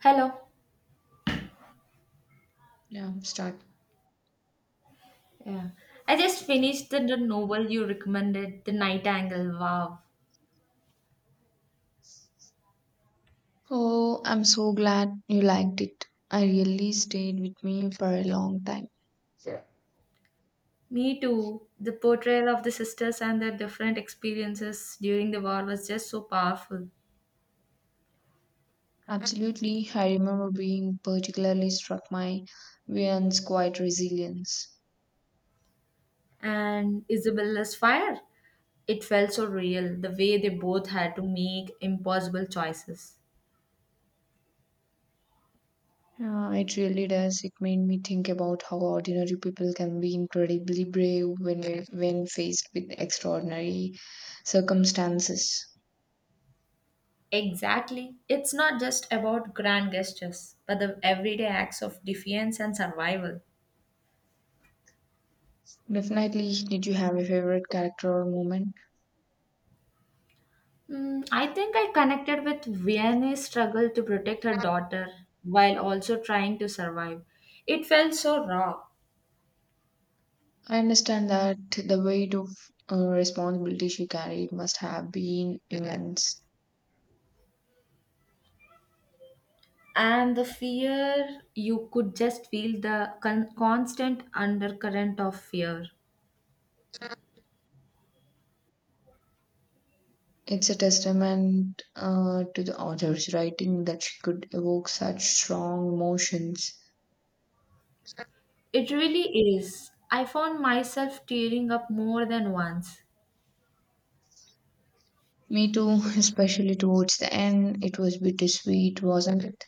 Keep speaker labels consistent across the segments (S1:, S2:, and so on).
S1: Hello.
S2: Yeah, start.
S1: Yeah. I just finished the novel you recommended, The Night Angle. Wow.
S2: Oh, I'm so glad you liked it. I really stayed with me for a long time. Yeah.
S1: Me too. The portrayal of the sisters and their different experiences during the war was just so powerful.
S2: Absolutely. I remember being particularly struck by Vian's quiet resilience.
S1: And Isabella's fire, it felt so real, the way they both had to make impossible choices.
S2: Yeah, it really does. It made me think about how ordinary people can be incredibly brave when faced with extraordinary circumstances.
S1: Exactly. It's not just about grand gestures, but the everyday acts of defiance and survival.
S2: Definitely. Did you have a favorite character or moment?
S1: Mm, I think I connected with Vianney's struggle to protect her daughter while also trying to survive. It felt so raw,
S2: I understand that the weight of responsibility she carried must have been immense.
S1: and the fear, you could just feel the constant undercurrent of fear.
S2: It's a testament to the author's writing that she could evoke such strong emotions.
S1: It really is. I found myself tearing up more than once.
S2: Me too, especially towards the end, it was bittersweet, wasn't it?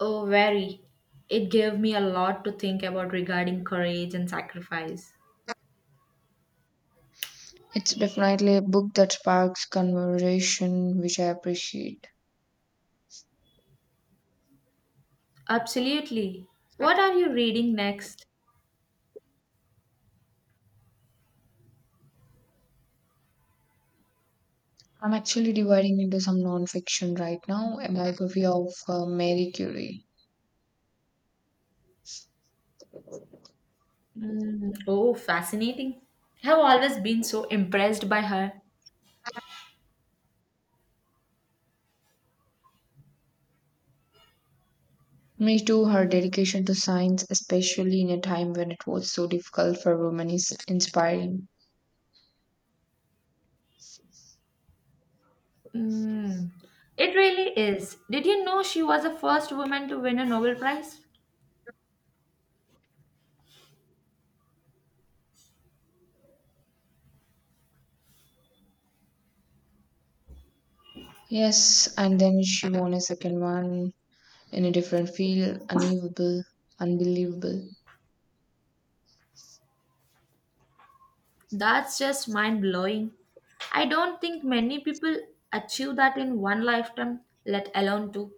S1: Oh, very. It gave me a lot to think about regarding courage and sacrifice.
S2: It's definitely a book that sparks conversation, which I appreciate.
S1: Absolutely. What are you reading next?
S2: I'm actually dividing into some non-fiction right now, a biography of Mary Curie.
S1: Mm. Oh, fascinating. I've always been so impressed by her.
S2: Me too, her dedication to science, especially in a time when it was so difficult for women, is inspiring.
S1: Mm. It really is. Did you know she was the first woman to win a Nobel Prize?
S2: Yes, and then she won a second one in a different field, unbelievable, unbelievable.
S1: That's just mind blowing. I don't think many people achieve that in one lifetime, let alone two.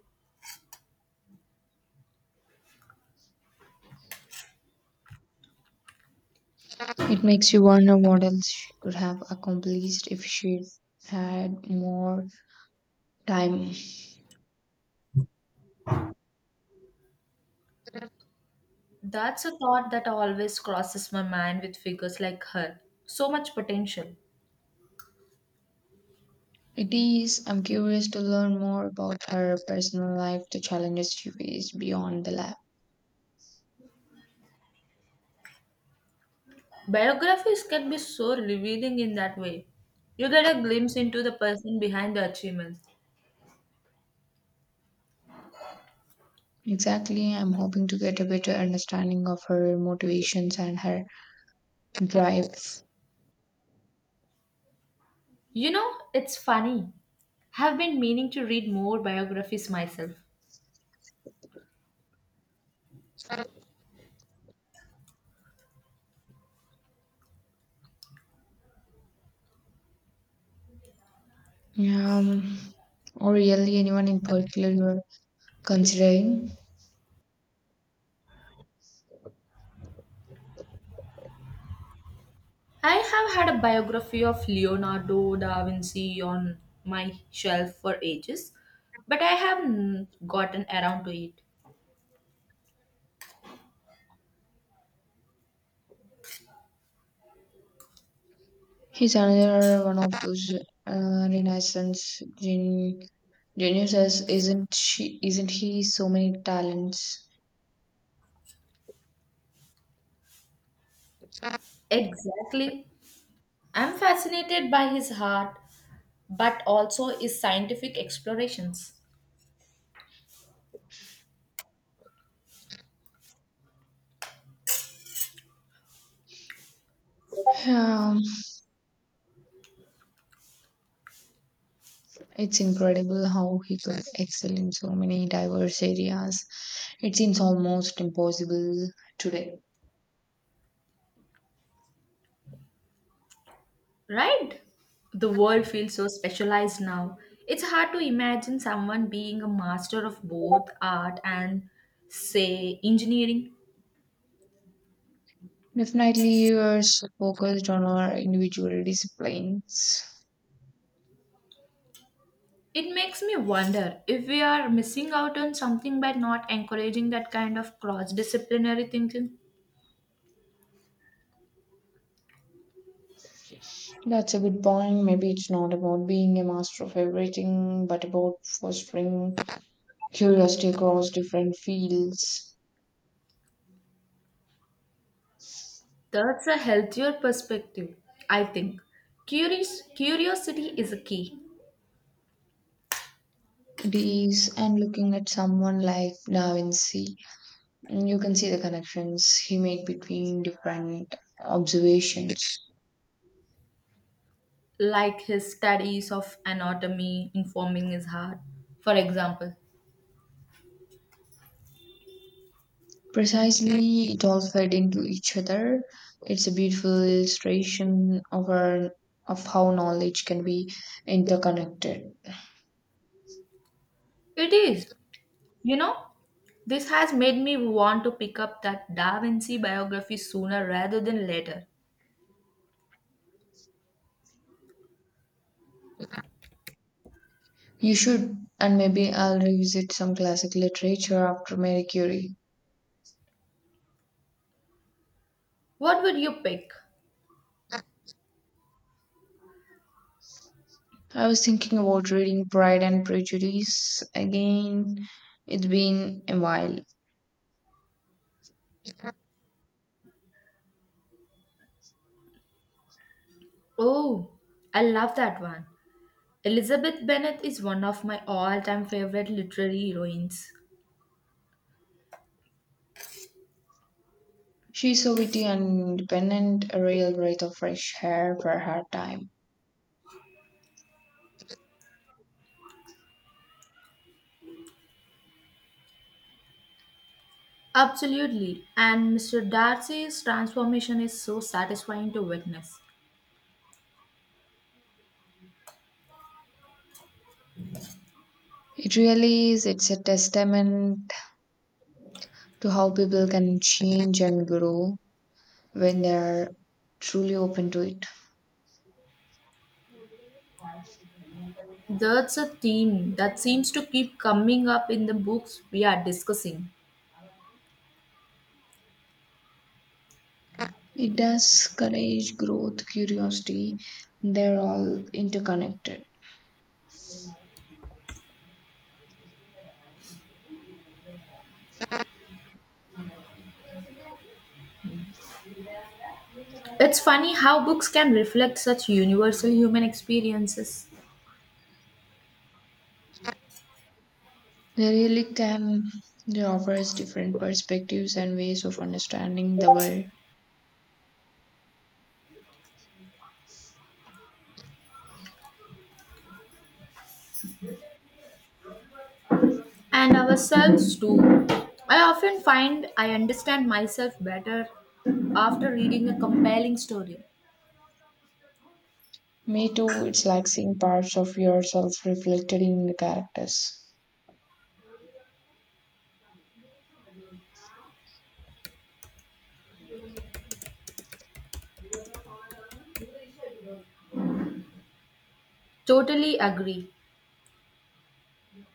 S2: It makes you wonder what else she could have accomplished if she had more time.
S1: That's a thought that always crosses my mind with figures like her. So much potential.
S2: It is, I'm curious to learn more about her personal life, the challenges she faced beyond the lab.
S1: Biographies can be so revealing in that way. You get a glimpse into the person behind the achievements.
S2: Exactly, I'm hoping to get a better understanding of her motivations and her drives.
S1: You know, it's funny. I've been meaning to read more biographies myself.
S2: Um, or really anyone in particular you are considering?
S1: I have had a biography of Leonardo da Vinci on my shelf for ages, but I haven't gotten around to it.
S2: He's another one of those uh, Renaissance gen- geniuses, isn't she? Isn't he? So many talents.
S1: Exactly. I'm fascinated by his art, but also his scientific explorations.
S2: Um, it's incredible how he could excel in so many diverse areas. It seems almost impossible today.
S1: Right? The world feels so specialized now. It's hard to imagine someone being a master of both art and, say, engineering.
S2: Definitely, we are so focused on our individual disciplines.
S1: It makes me wonder if we are missing out on something by not encouraging that kind of cross disciplinary thinking.
S2: That's a good point. Maybe it's not about being a master of everything, but about fostering curiosity across different fields.
S1: That's a healthier perspective, I think. Curiosity is a key,
S2: It is, and looking at someone like Da Vinci, you can see the connections he made between different observations.
S1: like his studies of anatomy informing his heart, for example.
S2: Precisely, it all fed into each other. It's a beautiful illustration of our of how knowledge can be interconnected.
S1: It is. You know, this has made me want to pick up that Da Vinci biography sooner rather than later.
S2: You should, and maybe I'll revisit some classic literature after Marie Curie.
S1: What would you pick?
S2: I was thinking about reading Pride and Prejudice again. It's been a while.
S1: Oh, I love that one. Elizabeth Bennet is one of my all time favorite literary heroines.
S2: She's so witty and independent, a real breath of fresh air for her time.
S1: Absolutely, and Mr. Darcy's transformation is so satisfying to witness.
S2: It really is. It's a testament to how people can change and grow when they are truly open to it.
S1: That's a theme that seems to keep coming up in the books we are discussing.
S2: It does courage, growth, curiosity, they're all interconnected.
S1: It's funny how books can reflect such universal human experiences.
S2: They really can they offer us different perspectives and ways of understanding the world.
S1: And ourselves too. I often find I understand myself better after reading a compelling story.
S2: Me too, it's like seeing parts of yourself reflected in the characters.
S1: Totally agree.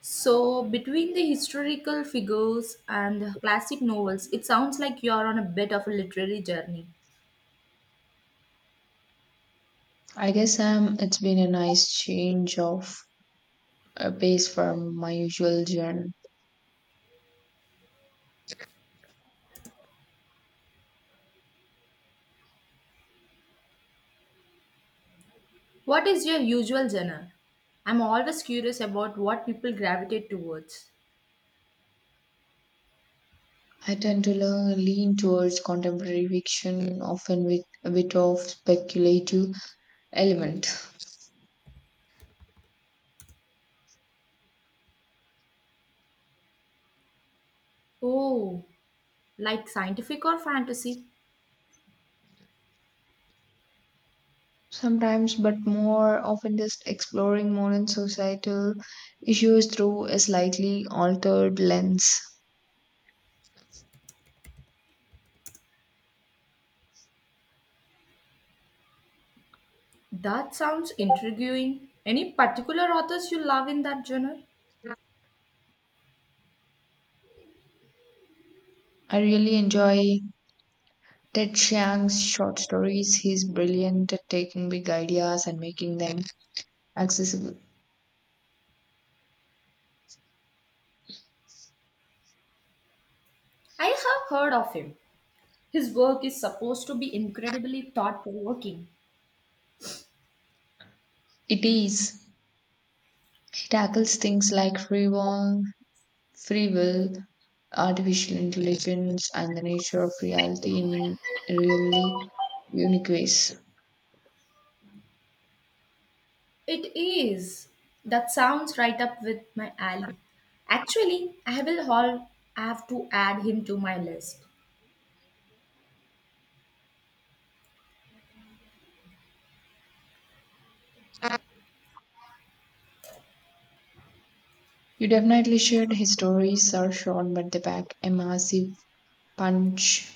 S1: So, between the historical figures and the classic novels, it sounds like you are on a bit of a literary journey.
S2: I guess it's been a nice change of pace from my usual genre.
S1: What is your usual genre? I'm always curious about what people gravitate towards.
S2: I tend to lean towards contemporary fiction, often with a bit of speculative element.
S1: Oh, like scientific or fantasy?
S2: Sometimes, but more often just exploring modern societal issues through a slightly altered lens.
S1: That sounds intriguing. Any particular authors you love in that genre?
S2: I really enjoy Ted Chiang's short stories. He's brilliant at taking big ideas and making them accessible.
S1: I have heard of him. His work is supposed to be incredibly thought provoking.
S2: It is. He tackles things like free will, artificial intelligence, and the nature of reality in really unique ways.
S1: It is. That sounds right up with my alley. Actually, I will all have to add him to my list.
S2: You definitely should. His stories are short, but they pack a massive punch.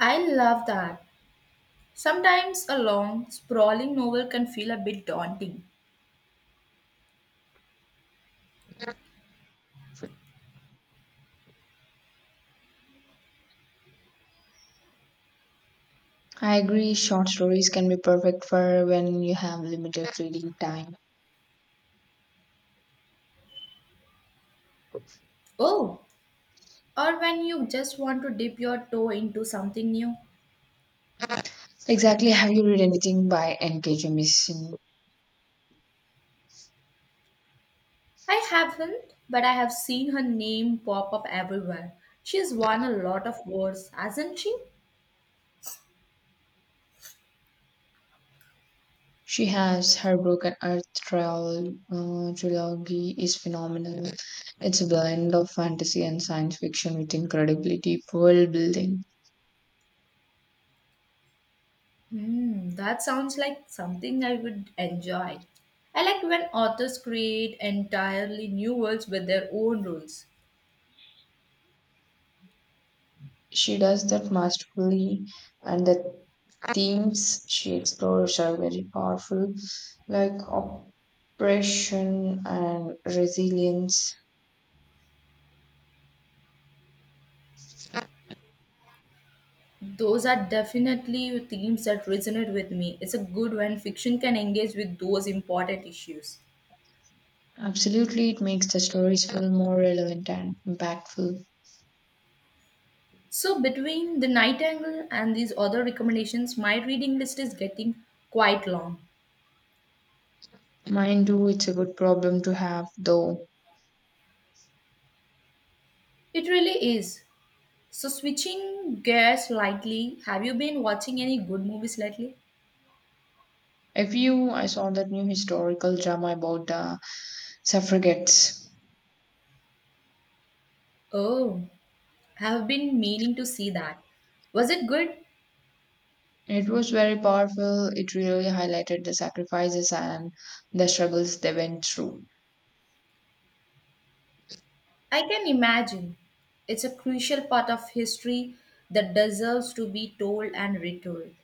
S1: I love that. Sometimes a long, sprawling novel can feel a bit daunting.
S2: I agree, short stories can be perfect for when you have limited reading time.
S1: Oh, or when you just want to dip your toe into something new.
S2: Exactly, have you read anything by N.K. Jemisin?
S1: I haven't, but I have seen her name pop up everywhere. She's won a lot of awards, hasn't she?
S2: She has her Broken Earth trilogy is phenomenal. It's a blend of fantasy and science fiction with incredibly deep world building.
S1: Hmm, that sounds like something I would enjoy. I like when authors create entirely new worlds with their own rules.
S2: She does that masterfully, and that themes she explores are very powerful, like oppression and resilience.
S1: Those are definitely themes that resonate with me. It's a good when fiction can engage with those important issues.
S2: Absolutely, it makes the stories feel more relevant and impactful.
S1: So, between The Night Angle and these other recommendations, my reading list is getting quite long.
S2: Mind too, it's a good problem to have, though.
S1: It really is. So, switching gears slightly, have you been watching any good movies lately?
S2: If you, I saw that new historical drama about the suffragettes.
S1: Oh, have been meaning to see that. Was it good?
S2: It was very powerful. It really highlighted the sacrifices and the struggles they went through.
S1: I can imagine. It's a crucial part of history that deserves to be told and retold.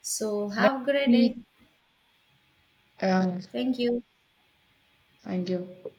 S1: So, have a great day.
S2: Definitely, um,
S1: Thank you.
S2: thank you.